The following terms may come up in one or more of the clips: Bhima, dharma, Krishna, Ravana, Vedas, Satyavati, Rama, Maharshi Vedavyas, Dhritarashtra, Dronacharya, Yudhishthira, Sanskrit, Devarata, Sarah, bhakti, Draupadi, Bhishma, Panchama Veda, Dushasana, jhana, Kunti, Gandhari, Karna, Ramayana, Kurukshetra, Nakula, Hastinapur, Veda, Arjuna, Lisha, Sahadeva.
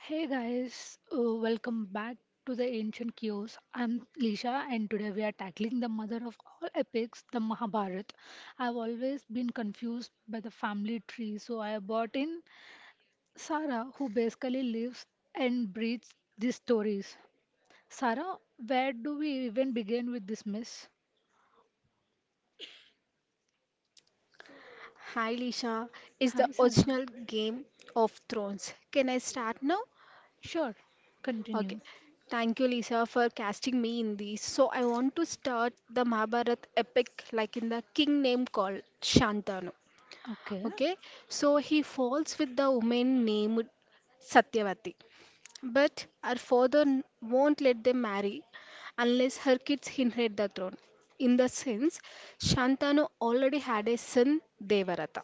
Hey guys, welcome back to the Ancient Chaos. I'm Lisha, and today we are tackling the mother of all epics, the Mahabharata. I've always been confused by the family tree, so I brought in Sarah, who basically lives and breathes these stories. Sarah, where do we even begin with this mess? Hi Lisha, is the Hi, Sarah. original Game of Thrones. Can I start now? Sure, Okay. continue. Thank you Lisa for casting me in this. So I want to start the Mahabharat epic like in the king name called Shantanu. Okay. Okay. So he falls with the woman named Satyavati. But her won't let them marry unless her kids inherit the throne. In the sense, Shantanu already had a son, Devarata.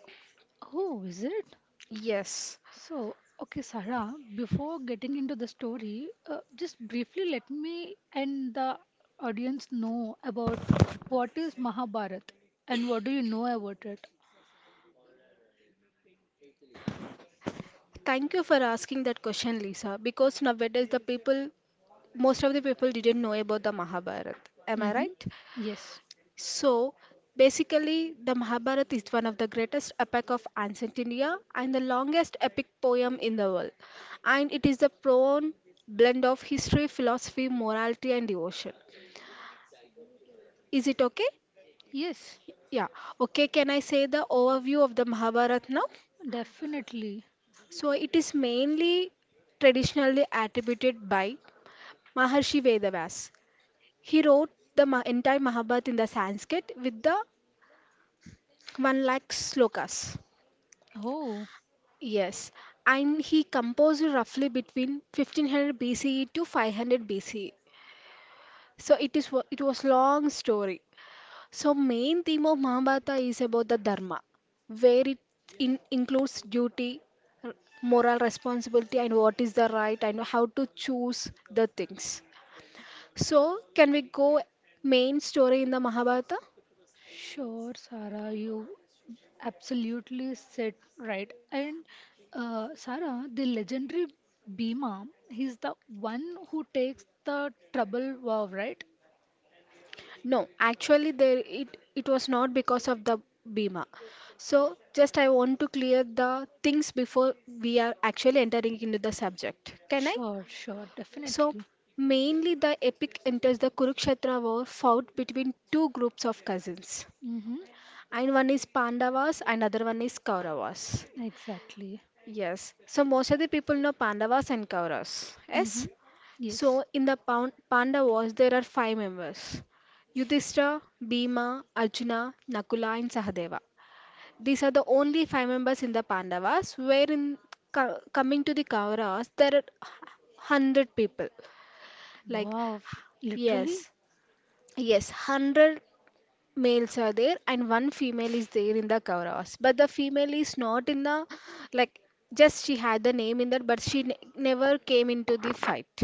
Who is it? Yes. So, okay, Sarah, before getting into the story, just briefly let me and the audience know about what is Mahabharat and what do you know about it? Thank you for asking that question, Lisa, because nowadays the people, most of the people didn't know about the Mahabharata. Am I Mm-hmm. right? Yes. So, basically, the Mahabharata is one of the greatest epic of ancient India and the longest epic poem in the world. And it is the prone blend of history, philosophy, morality, and devotion. Is it okay? Yes, Yeah. Okay, can I say the overview of the Mahabharata now? definitely. So, it is mainly traditionally attributed by Maharshi Vedavyas. He wrote entire Mahabharata in the Sanskrit with the 1 lakh slokas. Oh, Yes, and he composed roughly between 1500 BCE to 500 BCE. So it was long story. So main theme of Mahabharata is about the dharma, where it includes duty, r- moral responsibility, and what is the right and how to choose the things. So can we go main story in the Mahabharata? sure, Sarah, you absolutely said right. And Sarah, the legendary Bhima, he's the one who takes the trouble vow, right? No, actually there it was not because of the Bima. So just I want to clear the things before we are actually entering into the subject. Can I? Sure, sure, So definitely. mainly the epic enters the Kurukshetra war fought between two groups of cousins. Mm-hmm. And one is Pandavas and other one is Kauravas. Exactly. Yes. So most of the people know Pandavas and Kauravas. Mm-hmm. Yes. Yes. So in the Pandavas there are five members: Yudhishthira, Bhima, Arjuna, Nakula, and Sahadeva. These are the only five members in the Pandavas. Where in coming to the Kauravas, there are hundred people. Like Wow. Literally? yes, yes, hundred males are there and one female is there in the Kauravas. But the female is not in the like just she had the name in that, but she never came into the fight.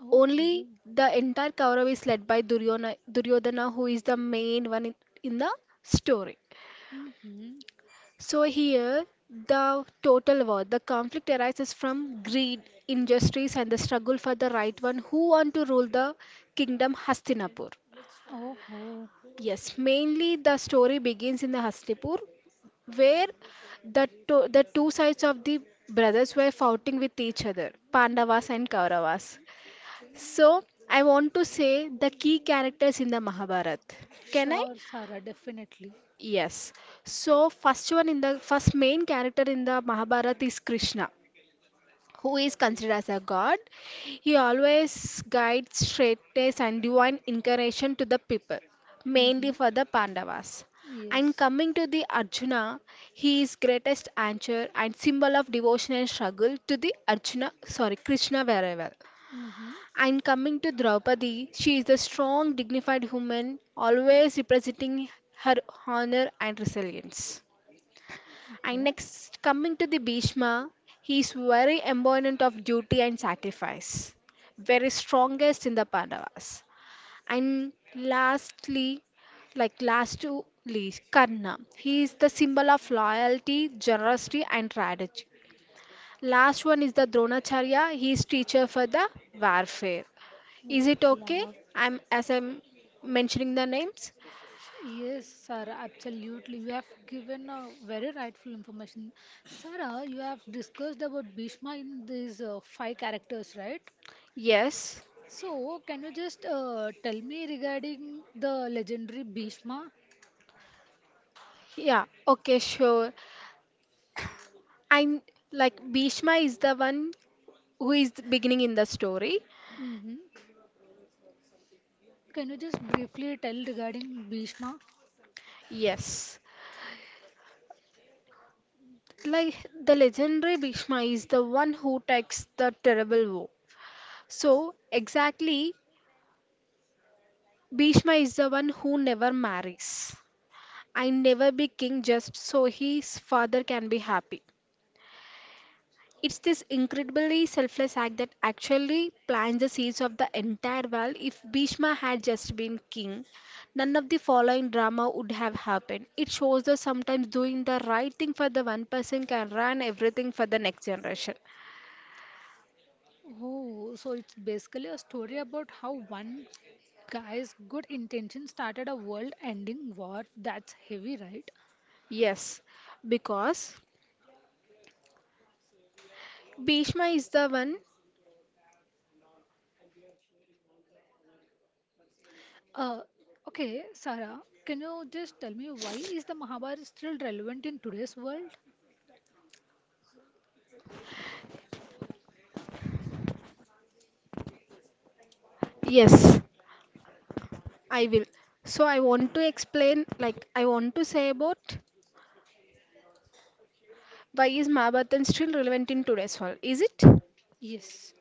Oh. Only the entire Kaurava is led by Duryodhana, Duryodhana who is the main one in the story. Mm-hmm. So here the total war, the conflict arises from greed, injustice, and the struggle for the right one who want to rule the kingdom Hastinapur. Oh. Yes, mainly the story begins in the Hastinapur where the two sides of the brothers were fighting with each other, Pandavas and Kauravas. So I want to say the key characters in the Mahabharata. Can I? Sure, Sarah, definitely. Yes. So first one in the first main character in the Mahabharata is Krishna who is considered as a god. He always guides straightness and divine incarnation to the people, mainly Mm-hmm. for the Pandavas. And Yes. coming to the Arjuna, he is greatest anchor and symbol of devotion and struggle to the Arjuna, sorry, Krishna very well. Mm-hmm. And coming to Draupadi, she is the strong, dignified woman, always representing her honor and resilience. And Okay. next, coming to the Bhishma, he is very embodiment of duty and sacrifice, very strongest in the Pandavas. And lastly, like last to least, Karna. He is the symbol of loyalty, generosity, and strategy. Last one is the Dronacharya. He is teacher for the warfare. Oh. Is it okay? Wow. I'm mentioning the names. Yes, Sarah, absolutely. You have given a very rightful information. Sarah, you have discussed about Bhishma in these five characters, right? Yes. So, can you just tell me regarding the legendary Bhishma? Yeah, okay, sure. And like Bhishma is the one who is beginning in the story. Hmm. Can you just briefly tell regarding Bhishma? Yes. Like the legendary Bhishma is the one who takes the terrible vow. So, exactly, Bhishma is the one who never marries and never be king just so his father can be happy. It's this incredibly selfless act that actually plants the seeds of the entire world. If Bhishma had just been king, none of the following drama would have happened. It shows that sometimes doing the right thing for the one person can run everything for the next generation. Oh, so it's basically a story about how one guy's good intention started a world-ending war. That's heavy, right? Yes, because Bhishma is the one. Uh, okay, Sarah, can you just tell me why is the Mahabharata still relevant in today's world? Yes, I will. So I want to explain, like, I want to say about why is Mahabharatan still relevant in today's world, is it? Yes.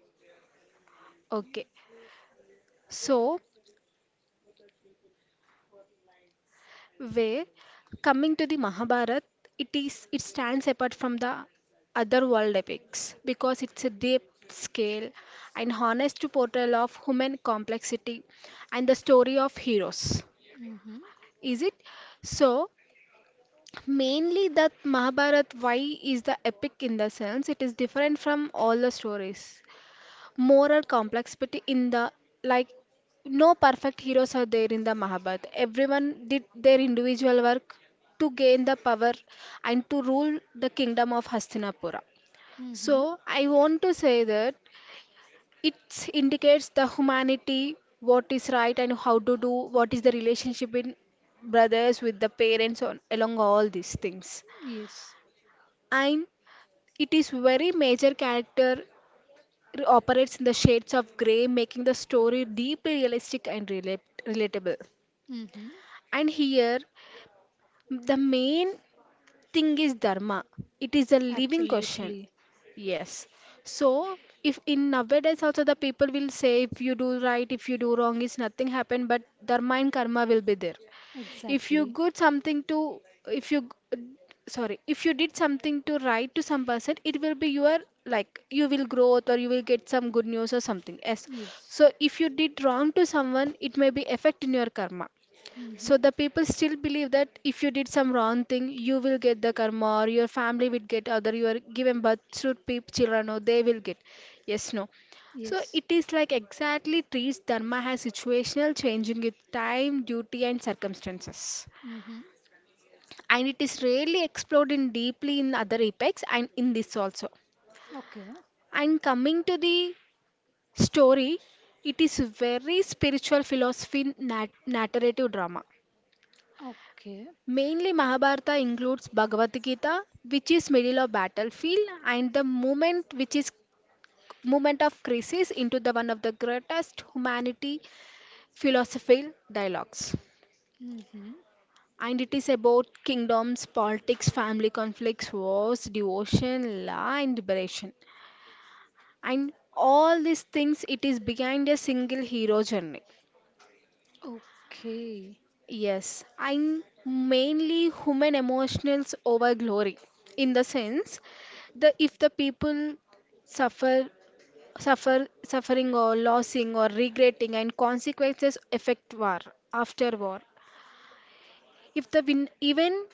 Okay. So, where coming to the mahabharata it stands apart from the other world epics because it's a deep scale and honest portrayal of human complexity and the story of heroes Mm-hmm. is it. So mainly that mahabharata why is the epic in the sense it is different from all the stories moral complexity in the like no perfect heroes are there in the Mahabharata. Everyone did their individual work to gain the power and to rule the kingdom of Hastinapura. So Mm-hmm. I want to say that it indicates the humanity, what is right and how to do, what is the relationship in brothers with the parents on along all these things. Yes. And it is very major character. It operates in the shades of grey, making the story deeply realistic and relatable. Mm-hmm. And here, the main thing is dharma. It is a living question. Absolutely. Yes. So, if in nowadays also the people will say if you do right, if you do wrong, is nothing happen, but dharma and karma will be there. If you Exactly. good something to if you g- sorry, if you did something to write to some person, it will be your like you will growth, or you will get some good news or something, yes. Yes. So if you did wrong to someone, it may be affect in your karma. Mm-hmm. So the people still believe that if you did some wrong thing, you will get the karma, or your family will get other, you are given birth to peop children, or they will get, yes, no. So Yes. it is like exactly trees dharma has situational changing with time duty and circumstances. Mm-hmm. And it is rarely explored in deeply in other epics and in this also. Okay. And coming to the story, it is very spiritual philosophy narrative drama. Okay. Mainly mahabharata includes bhagavad gita, which is middle of battlefield, and the movement, which is movement of crisis into the one of the greatest humanity philosophical dialogues. Mm-hmm. And it is about kingdoms, politics, family conflicts, wars, devotion, law, and liberation. And all these things, it is behind a single hero journey. Okay. Yes, I'm mainly human emotions over glory. In the sense, the if the people suffer, suffering or losing or regretting, and consequences affect war after war. If the win, even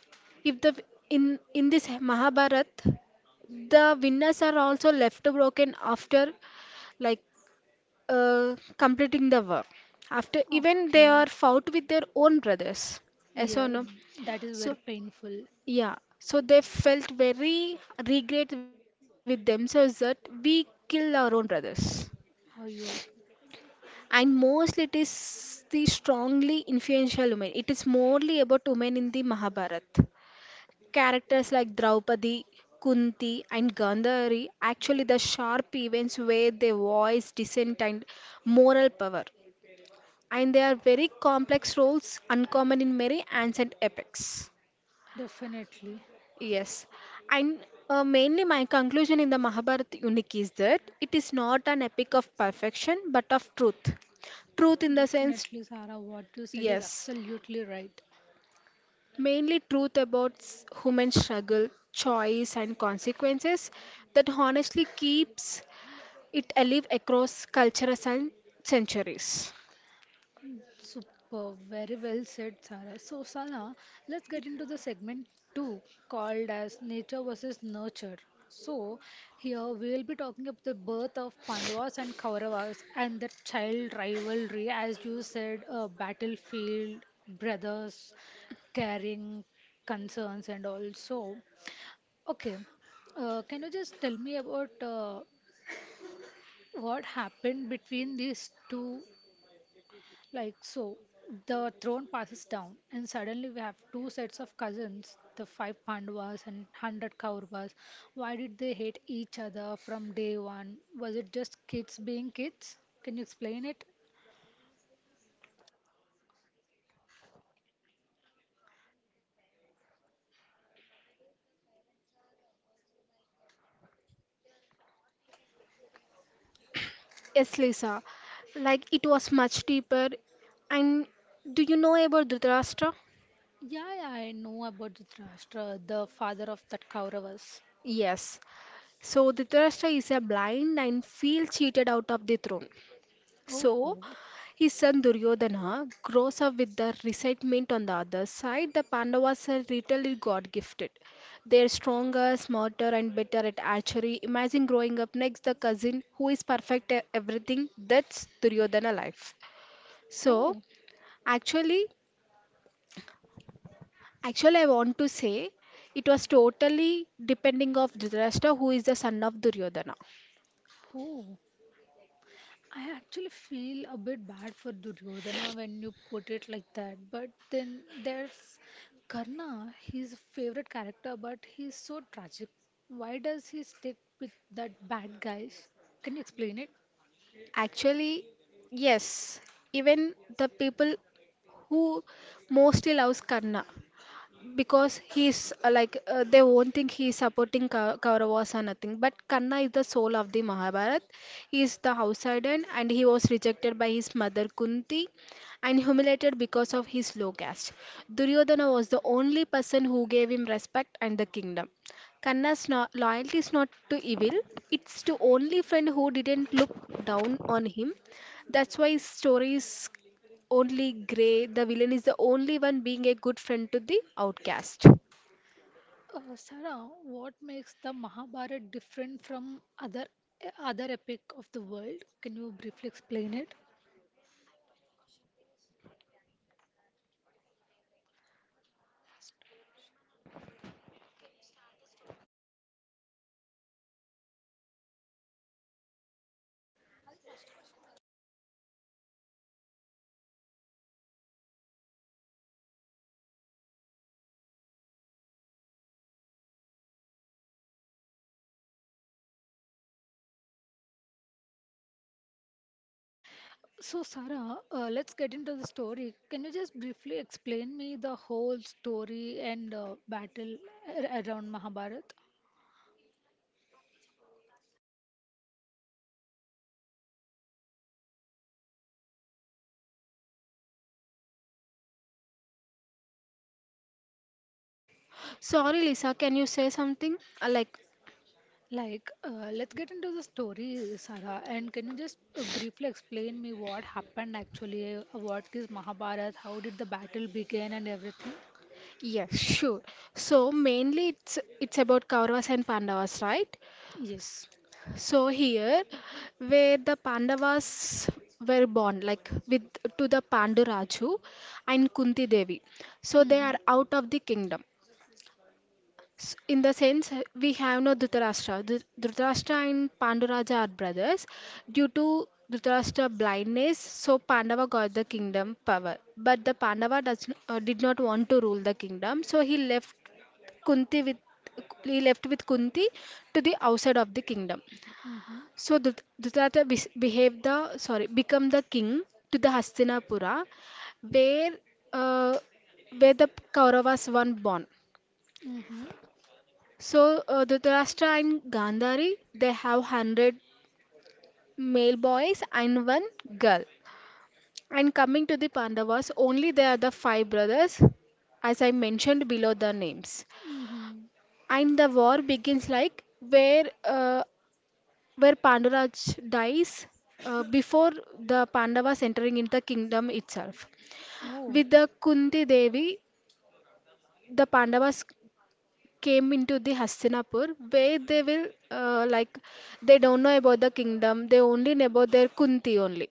if the in this Mahabharat, the winners are also left broken after like completing the work. After even they Okay. are fought with their own brothers. Yes or Yeah, no? that is very So painful. yeah. So they felt very regret with themselves that we kill our own brothers. Are you And mostly it is the strongly influential women. It is mostly about women in the Mahabharata. Characters like Draupadi, Kunti, and Gandhari actually the sharp events where they voice dissent and moral power. And they are very complex roles, uncommon in many ancient epics. definitely, Yes. And mainly, my conclusion in the Mahabharata unique is that it is not an epic of perfection but of truth. Truth in the sense, definitely, Sarah. What you said is yes, absolutely right. mainly truth about human struggle, choice, and consequences that honestly keeps it alive across cultures and centuries. Superb, very well said, Sara. So, Sara, let's get into the segment two called as Nature versus Nurture. So, here we will be talking about the birth of Pandavas and Kauravas and the child rivalry, as you said, battlefield, brothers, caring concerns, and also. Okay, can you just tell me about what happened between these two like so, the throne passes down, and suddenly we have two sets of cousins, the five Pandavas and 100 Kauravas. Why did they hate each other from day one? Was it just kids being kids? Can you explain it? Yes, Lisa. Like it was much deeper. And do you know about Dhritarashtra? Yeah, yeah, I know about Dhritarashtra, the father of that Kauravas. Yes. So Dhritarashtra is a blind and feels cheated out of the throne. Oh, So oh, his son Duryodhana grows up with the resentment on the other side. The Pandavas are literally God gifted. They are stronger, smarter, and better at archery. Imagine growing up next the cousin who is perfect at everything. That's Duryodhana life. So oh, actually Actually, I want to say it was totally depending of Dhritarashtra, who is the son of Duryodhana. oh. I actually feel a bit bad for Duryodhana when you put it like that, but then there's Karna, his favorite character, but he's so tragic. Why does he stick with that bad guys? Can you explain it? Actually, yes, even the people who mostly loves Karna, because he's like they won't think he's supporting Kauravas or nothing. But Karna is the soul of the Mahabharat. He is the outsider and he was rejected by his mother Kunti and humiliated because of his low caste. Duryodhana was the only person who gave him respect and the kingdom. Karna's loyalty is not to evil; it's to only friend who didn't look down on him. That's why his story is only Grey, the villain, is the only one being a good friend to the outcast. Sarah, what makes the Mahabharata different from other epic of the world? Can you briefly explain it? So, Sarah, let's get into the story. Can you just briefly explain me the whole story and battle around Mahabharata? Sorry, Lisa, can you say something? Uh, Like, Like, let's get into the story, Sarah, and can you just briefly explain me what happened actually? What is Mahabharata? How did the battle begin and everything? yes, sure. So mainly it's about Kauravas and Pandavas, right? S- Yes. So here, where the Pandavas were born, like with to the Panduraju and Kunti Devi, so they Mm-hmm. are out of the kingdom. In the sense we have no Dhritarashtra. Dhritarashtra and Panduraja are brothers. Due to Dhritarashtra blindness, so Pandava got the kingdom power. But the Pandava did not want to rule the kingdom, so he left Kunti with he left with Kunti to the outside of the kingdom. Mm-hmm. So Dhritarashtra bes- behaved the sorry become the king to the Hastinapura, where uh, where the Kauravas were born. Mm-hmm. So Dhritarashtra and Gandhari they have 100 male boys and one girl. And coming to the Pandavas only they are the five brothers as I mentioned below the names. Mm-hmm. And the war begins like where Panduraj dies before the Pandavas entering into the kingdom itself. Oh. With the Kunti Devi, the Pandavas came into the Hastinapur where they will like they don't know about the kingdom. They only know about their Kunti only.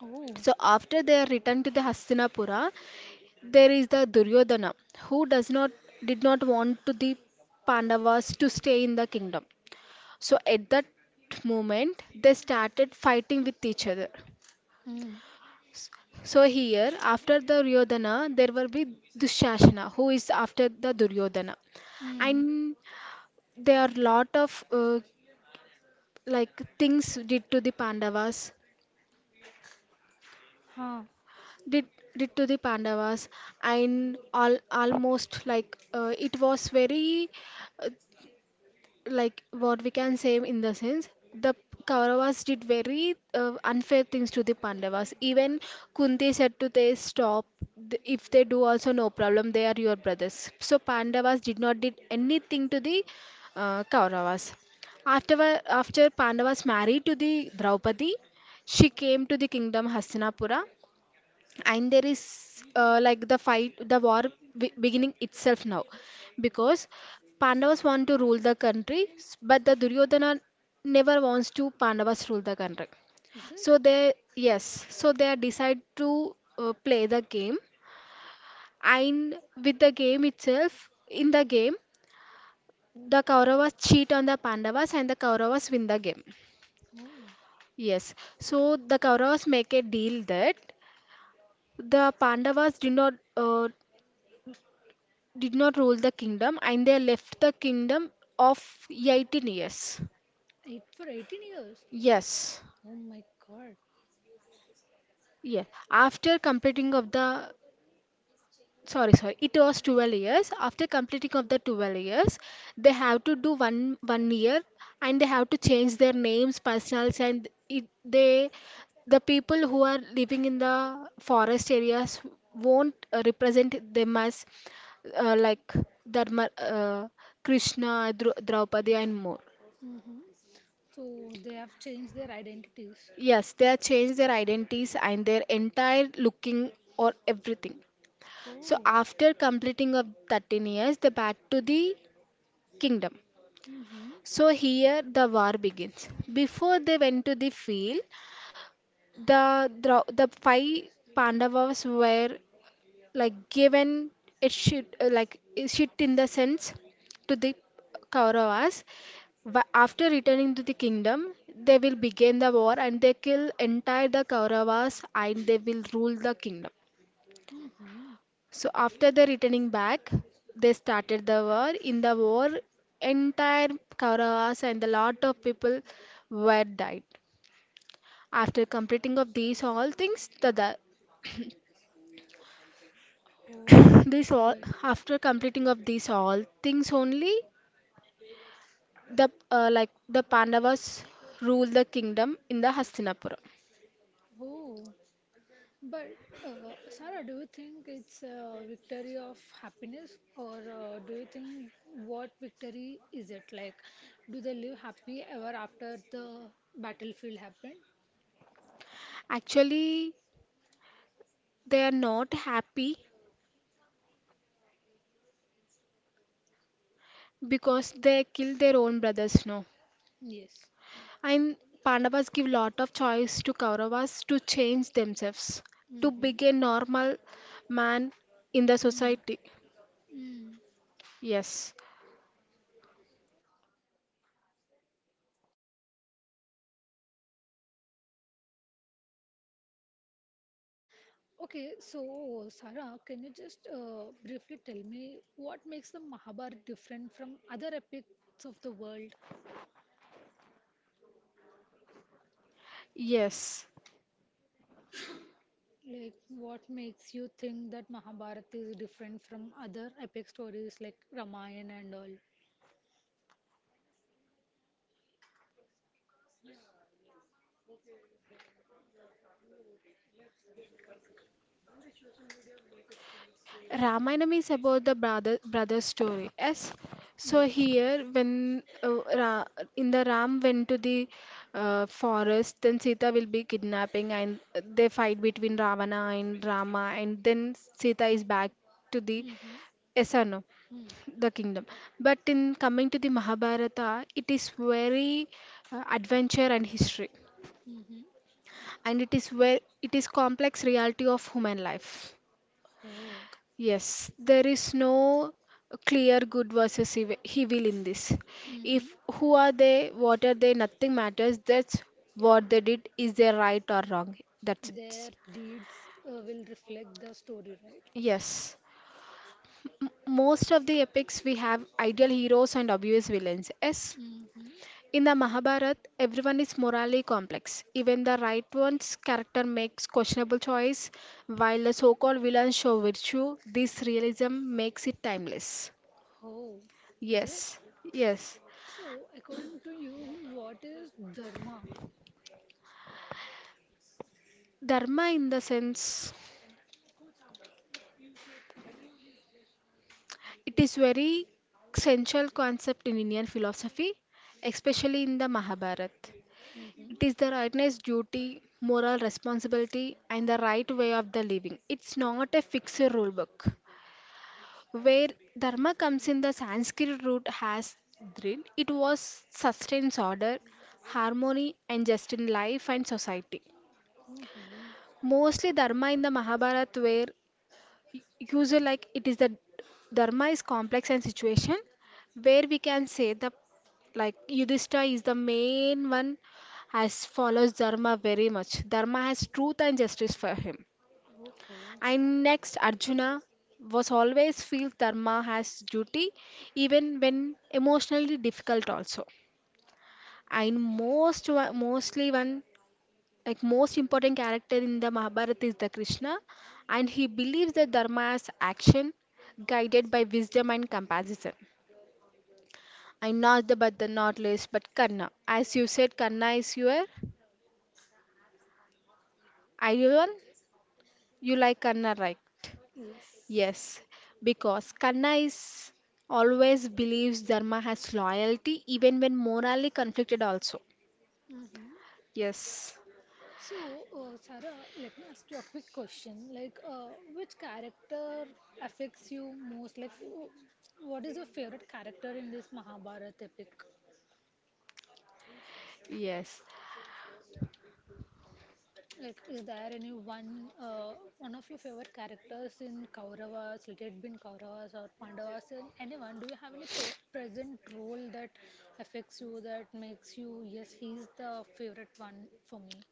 Oh. So after they are returned to the Hastinapura there is the Duryodhana who does not did not want to the Pandavas to stay in the kingdom. So at that moment they started fighting with each other. Mm. So here after the Duryodhana there will be Dushasana who is after the Duryodhana. Mm. And there are lot of like things did to the Pandavas, Huh. did did to the Pandavas, and all almost like it was very uh, like what we can say in the sense the Kauravas did very unfair things to the Pandavas. Even Kunti said to them, "Stop! If they do also, no problem. They are your brothers." So Pandavas did not did anything to the Kauravas. After Pandavas married to the Draupadi, she came to the kingdom Hastinapura, and there is like the fight the war beginning itself now, because Pandavas want to rule the country, but the Duryodhana never wants to Pandavas rule the country. Is it? So they, yes, so they decide to play the game, and with the game itself, in the game the Kauravas cheat on the Pandavas and the Kauravas win the game. Oh, Yes. So the Kauravas make a deal that the Pandavas do not did not rule the kingdom and they left the kingdom of 18 years. eight for 18 years. Yes. Oh my God. Yeah, after completing of the, sorry, it was 12 years. After completing of the 12 years they have to do one year, and they have to change their names personals and it, they the people who are living in the forest areas won't represent them as like Dharma, Krishna, Dru Draupadi, and more. Mm-hmm. So they have changed their identities. Yes, they have changed their identities and their entire looking or everything. So Oh. after completing of 13 years, they back to the kingdom. Mm-hmm. So here the war begins. Before they went to the field, the five Pandavas were like given a shit, like a shit in the sense to the Kauravas. After returning to the kingdom, they will begin the war and they kill entire the Kauravas and they will rule the kingdom. Mm-hmm. So after they returning back, they started the war. In the war, entire Kauravas and a lot of people were died. After completing of these all things, the Oh, this that's a all very. after completing of these all things only the like the Pandavas ruled the kingdom in the Hastinapura. Oh. But uh, Sarah, do you think it's a victory of happiness, or do you think what victory is it like? Do they live happy ever after the battlefield happened? Actually, they are not happy because they kill their own brothers now, Yes. and Pandavas give lot of choice to Kauravas to change themselves to be a Mm-hmm. normal man in the Mm. society. Mm. Yes. Okay, so Sarah, can you just briefly tell me what makes the Mahabharata different from other epics of the world? Yes. Like, what makes you think that Mahabharata is different from other epic stories like Ramayana and all? Ramayana is about the brother's story. Yes. So Yes. here, when in the Ram went to the forest, then Sita will be kidnapping, and they fight between Ravana and Rama, and then Sita is back to the, Mm-hmm. yes or no, the kingdom. But in coming to the Mahabharata, it is very adventure and history, Mm-hmm. and it is where it is complex reality of human life. Oh. Yes, there is no clear good versus evil in this. Mm-hmm. If who are they, what are they, nothing matters. That's what they did. Is they right or wrong? That's it. Their deeds will reflect the story, right? Yes. Most of the epics we have ideal heroes and obvious villains. Yes. Mm-hmm. In the Mahabharata, everyone is morally complex. Even the right one's character makes questionable choice, while the so-called villains show virtue. This realism makes it timeless. Oh. Is it? Yes. Yes. So, according to you, what is dharma? Dharma, in the sense, it is very central concept in Indian philosophy, especially in the Mahabharata. It Mm-hmm. is the rightness, duty, moral responsibility, and the right way of the living. It's not a fixed rule book. Where dharma comes in the Sanskrit root has drin, it was sustains order, harmony, and just in life and society. Mm-hmm. Mostly dharma in the Mahabharata were user like it is the dharma is complex and situation where we can say the like Yudhishthira is the main one has follows dharma very much. Dharma has truth and justice for him. Oh. And next Arjuna was always feels dharma has duty even when emotionally difficult also. And mostly one like most important character in the Mahabharata is the Krishna, and he believes that dharma is action guided by wisdom and compassion. And not the but the not least, but Karna. As you said, Karna is your ideal one. You like Karna, right? Yes. Yes, because Karna is always believes dharma has loyalty, even when morally conflicted. Also, Mm-hmm. yes, So, Sarah, let me ask you a quick question. Like, which character affects you most? Like, what is your favorite character in this Mahabharata epic? yes, Like, is there any one, one of your favorite characters in Kauravas, let it be in Kauravas or Pandavas, and anyone? Do you have any per present role that affects you, that makes you, yes, he's the favorite one for me?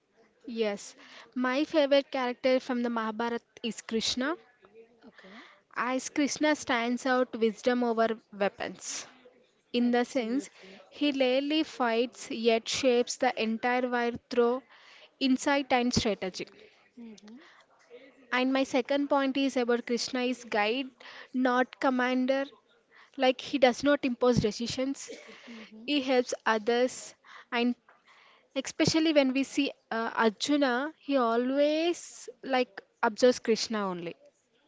yes. My favorite character from the Mahabharata is Krishna. Okay, As Krishna stands out wisdom over weapons, in the sense absolutely. he rarely fights yet shapes the entire war through insight and strategy. Mm-hmm, And my second point is about Krishna is guide, not commander. Like he does not impose decisions, mm-hmm. he helps others, and especially when we see Arjuna, he always like observes Krishna only.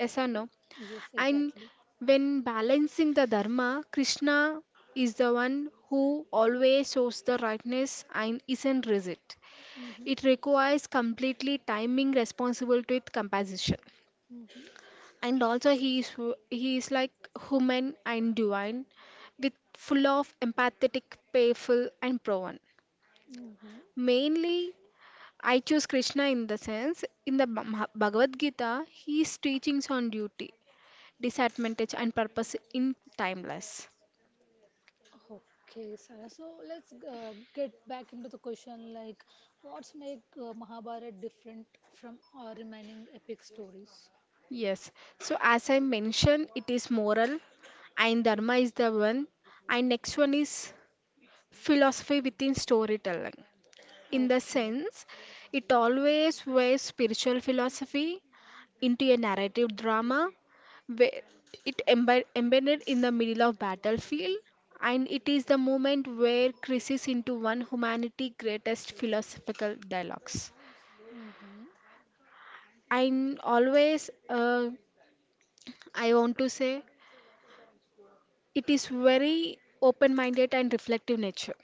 Yes or And- no? Yes, And exactly. when balancing the dharma, Krishna is the one who always shows the rightness and isn't rigid. It Mm-hmm, requires completely timing, responsibility, with compassion. mm-hmm, And also he is like human and divine, with full of empathetic, payful and proven. mm-hmm. Mainly I choose Krishna in the sense in the Bhagavad Gita, his teachings on duty, disadvantage, and purpose in timeless. Okay, Sarah. So let's get back into the question like, what's make Mahabharata different from our remaining epic stories? Yes. So as I mentioned, it is moral and dharma is the one. And next one is philosophy within storytelling. In the Okay. sense, it always wears spiritual philosophy into a narrative drama where it embedded in the middle of battlefield, and it is the moment where crisis into one humanity greatest philosophical dialogues. Mm-hmm. And always, I want to say it is very open minded and reflective nature.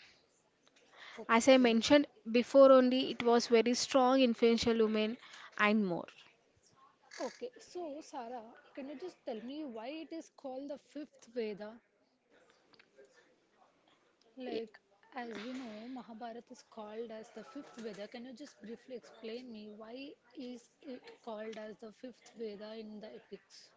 As I Okay. mentioned before, only it was very strong, influential women, and more. Okay. So, Sarah, can you just tell me why it is called the fifth Veda? Y- Like, as we know, Mahabharata is called as the fifth Veda. Can you just briefly explain me why is it called as the fifth Veda in the epics?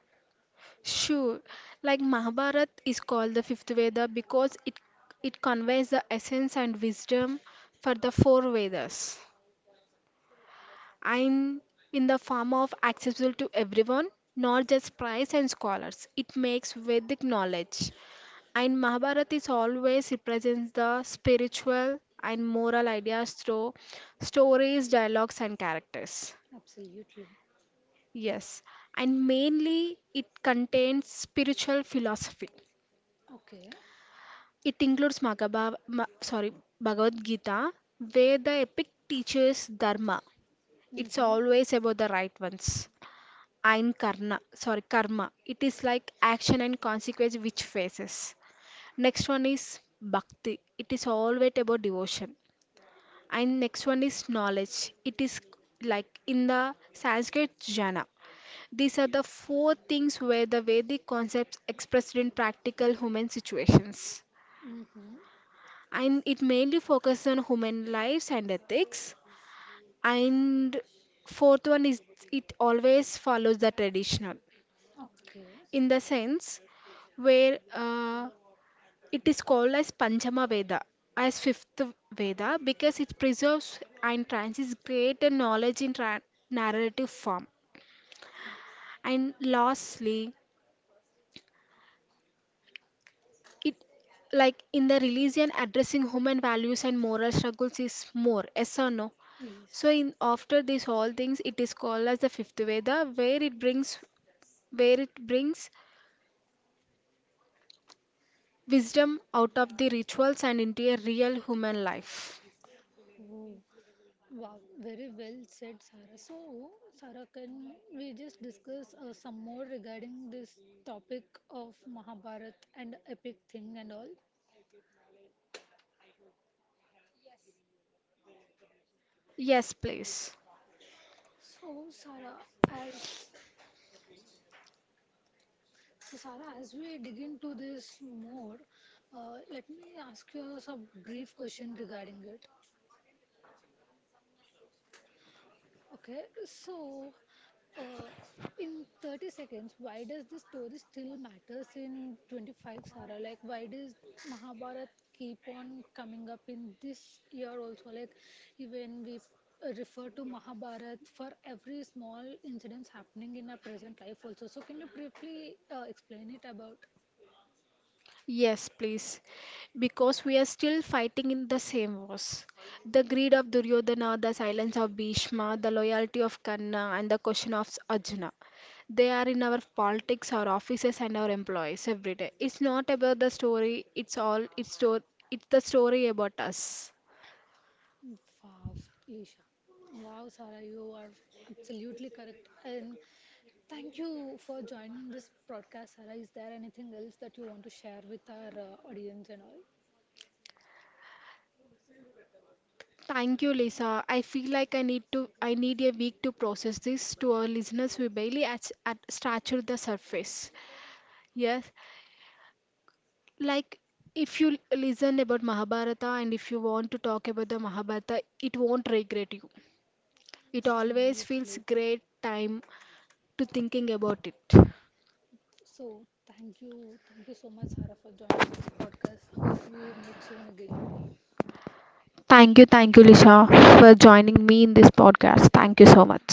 Sure, like Mahabharat is called the fifth Veda because it conveys the essence and wisdom for the four Vedas and in the form of accessible to everyone, not just priests and scholars. It makes Vedic knowledge. And Mahabharata is always represents the spiritual and moral ideas through stories, dialogues, and characters. Absolutely. Yes, and mainly it contains spiritual philosophy. Okay. It includes Bhagavad Gita, where the epic teaches dharma. It's Mm-hmm. always about the right ones. And karma. It is like action and consequence which faces. Next one is bhakti. It is always about devotion. And next one is knowledge. It is like in the Sanskrit, jhana. These are the four things where the Vedic concepts expressed in practical human situations, Mm-hmm. and it mainly focuses on human lives and ethics. And fourth one is it always follows the traditional, Okay. in the sense where it is called as Panchama Veda, as fifth Veda, because it preserves and transmits greater knowledge in narrative form. And lastly, it like in the religion addressing human values and moral struggles is more, yes or no, Yes. so in after these all things it is called as the fifth Veda where it brings wisdom out of the rituals and into a real human life. Oh, wow, very well said, Sarah. So, Sarah, can we just discuss some more regarding this topic of Mahabharata and epic thing and all? Yes, please. So, Sarah, as So, Sarah, as we dig into this more, let me ask you some brief question regarding it. Okay, so uh, in 30 seconds, why does this story still matters in 25, Sarah? Like, why does Mahabharat keep on coming up in this year also? Like, even we refer to Mahabharat for every small incidents happening in our present life also. So, can you briefly explain it about? Yes, please. Because we are still fighting in the same wars. The greed of Duryodhana, the silence of Bhishma, the loyalty of Karna, and the question of Arjuna. They are in our politics, our offices, and our employees every day. It's not about the story, it's the story about us. Wow, Lisha. Wow, Sarah, you are absolutely correct. And thank you for joining this broadcast, Sarah. Is there anything else that you want to share with our audience and all? Thank you, Lisa. I feel like I need a week to process this. To our listeners, we barely at scratched the surface. Yes, like, if you listen about Mahabharata and if you want to talk about the Mahabharata, it won't regret you. It Absolutely. always feels great time to thinking about it. So, thank you. Thank you so much, Sarah, for joining this broadcast. Hope we meet soon again. Thank you, Lisha, for joining me in this podcast. Thank you so much.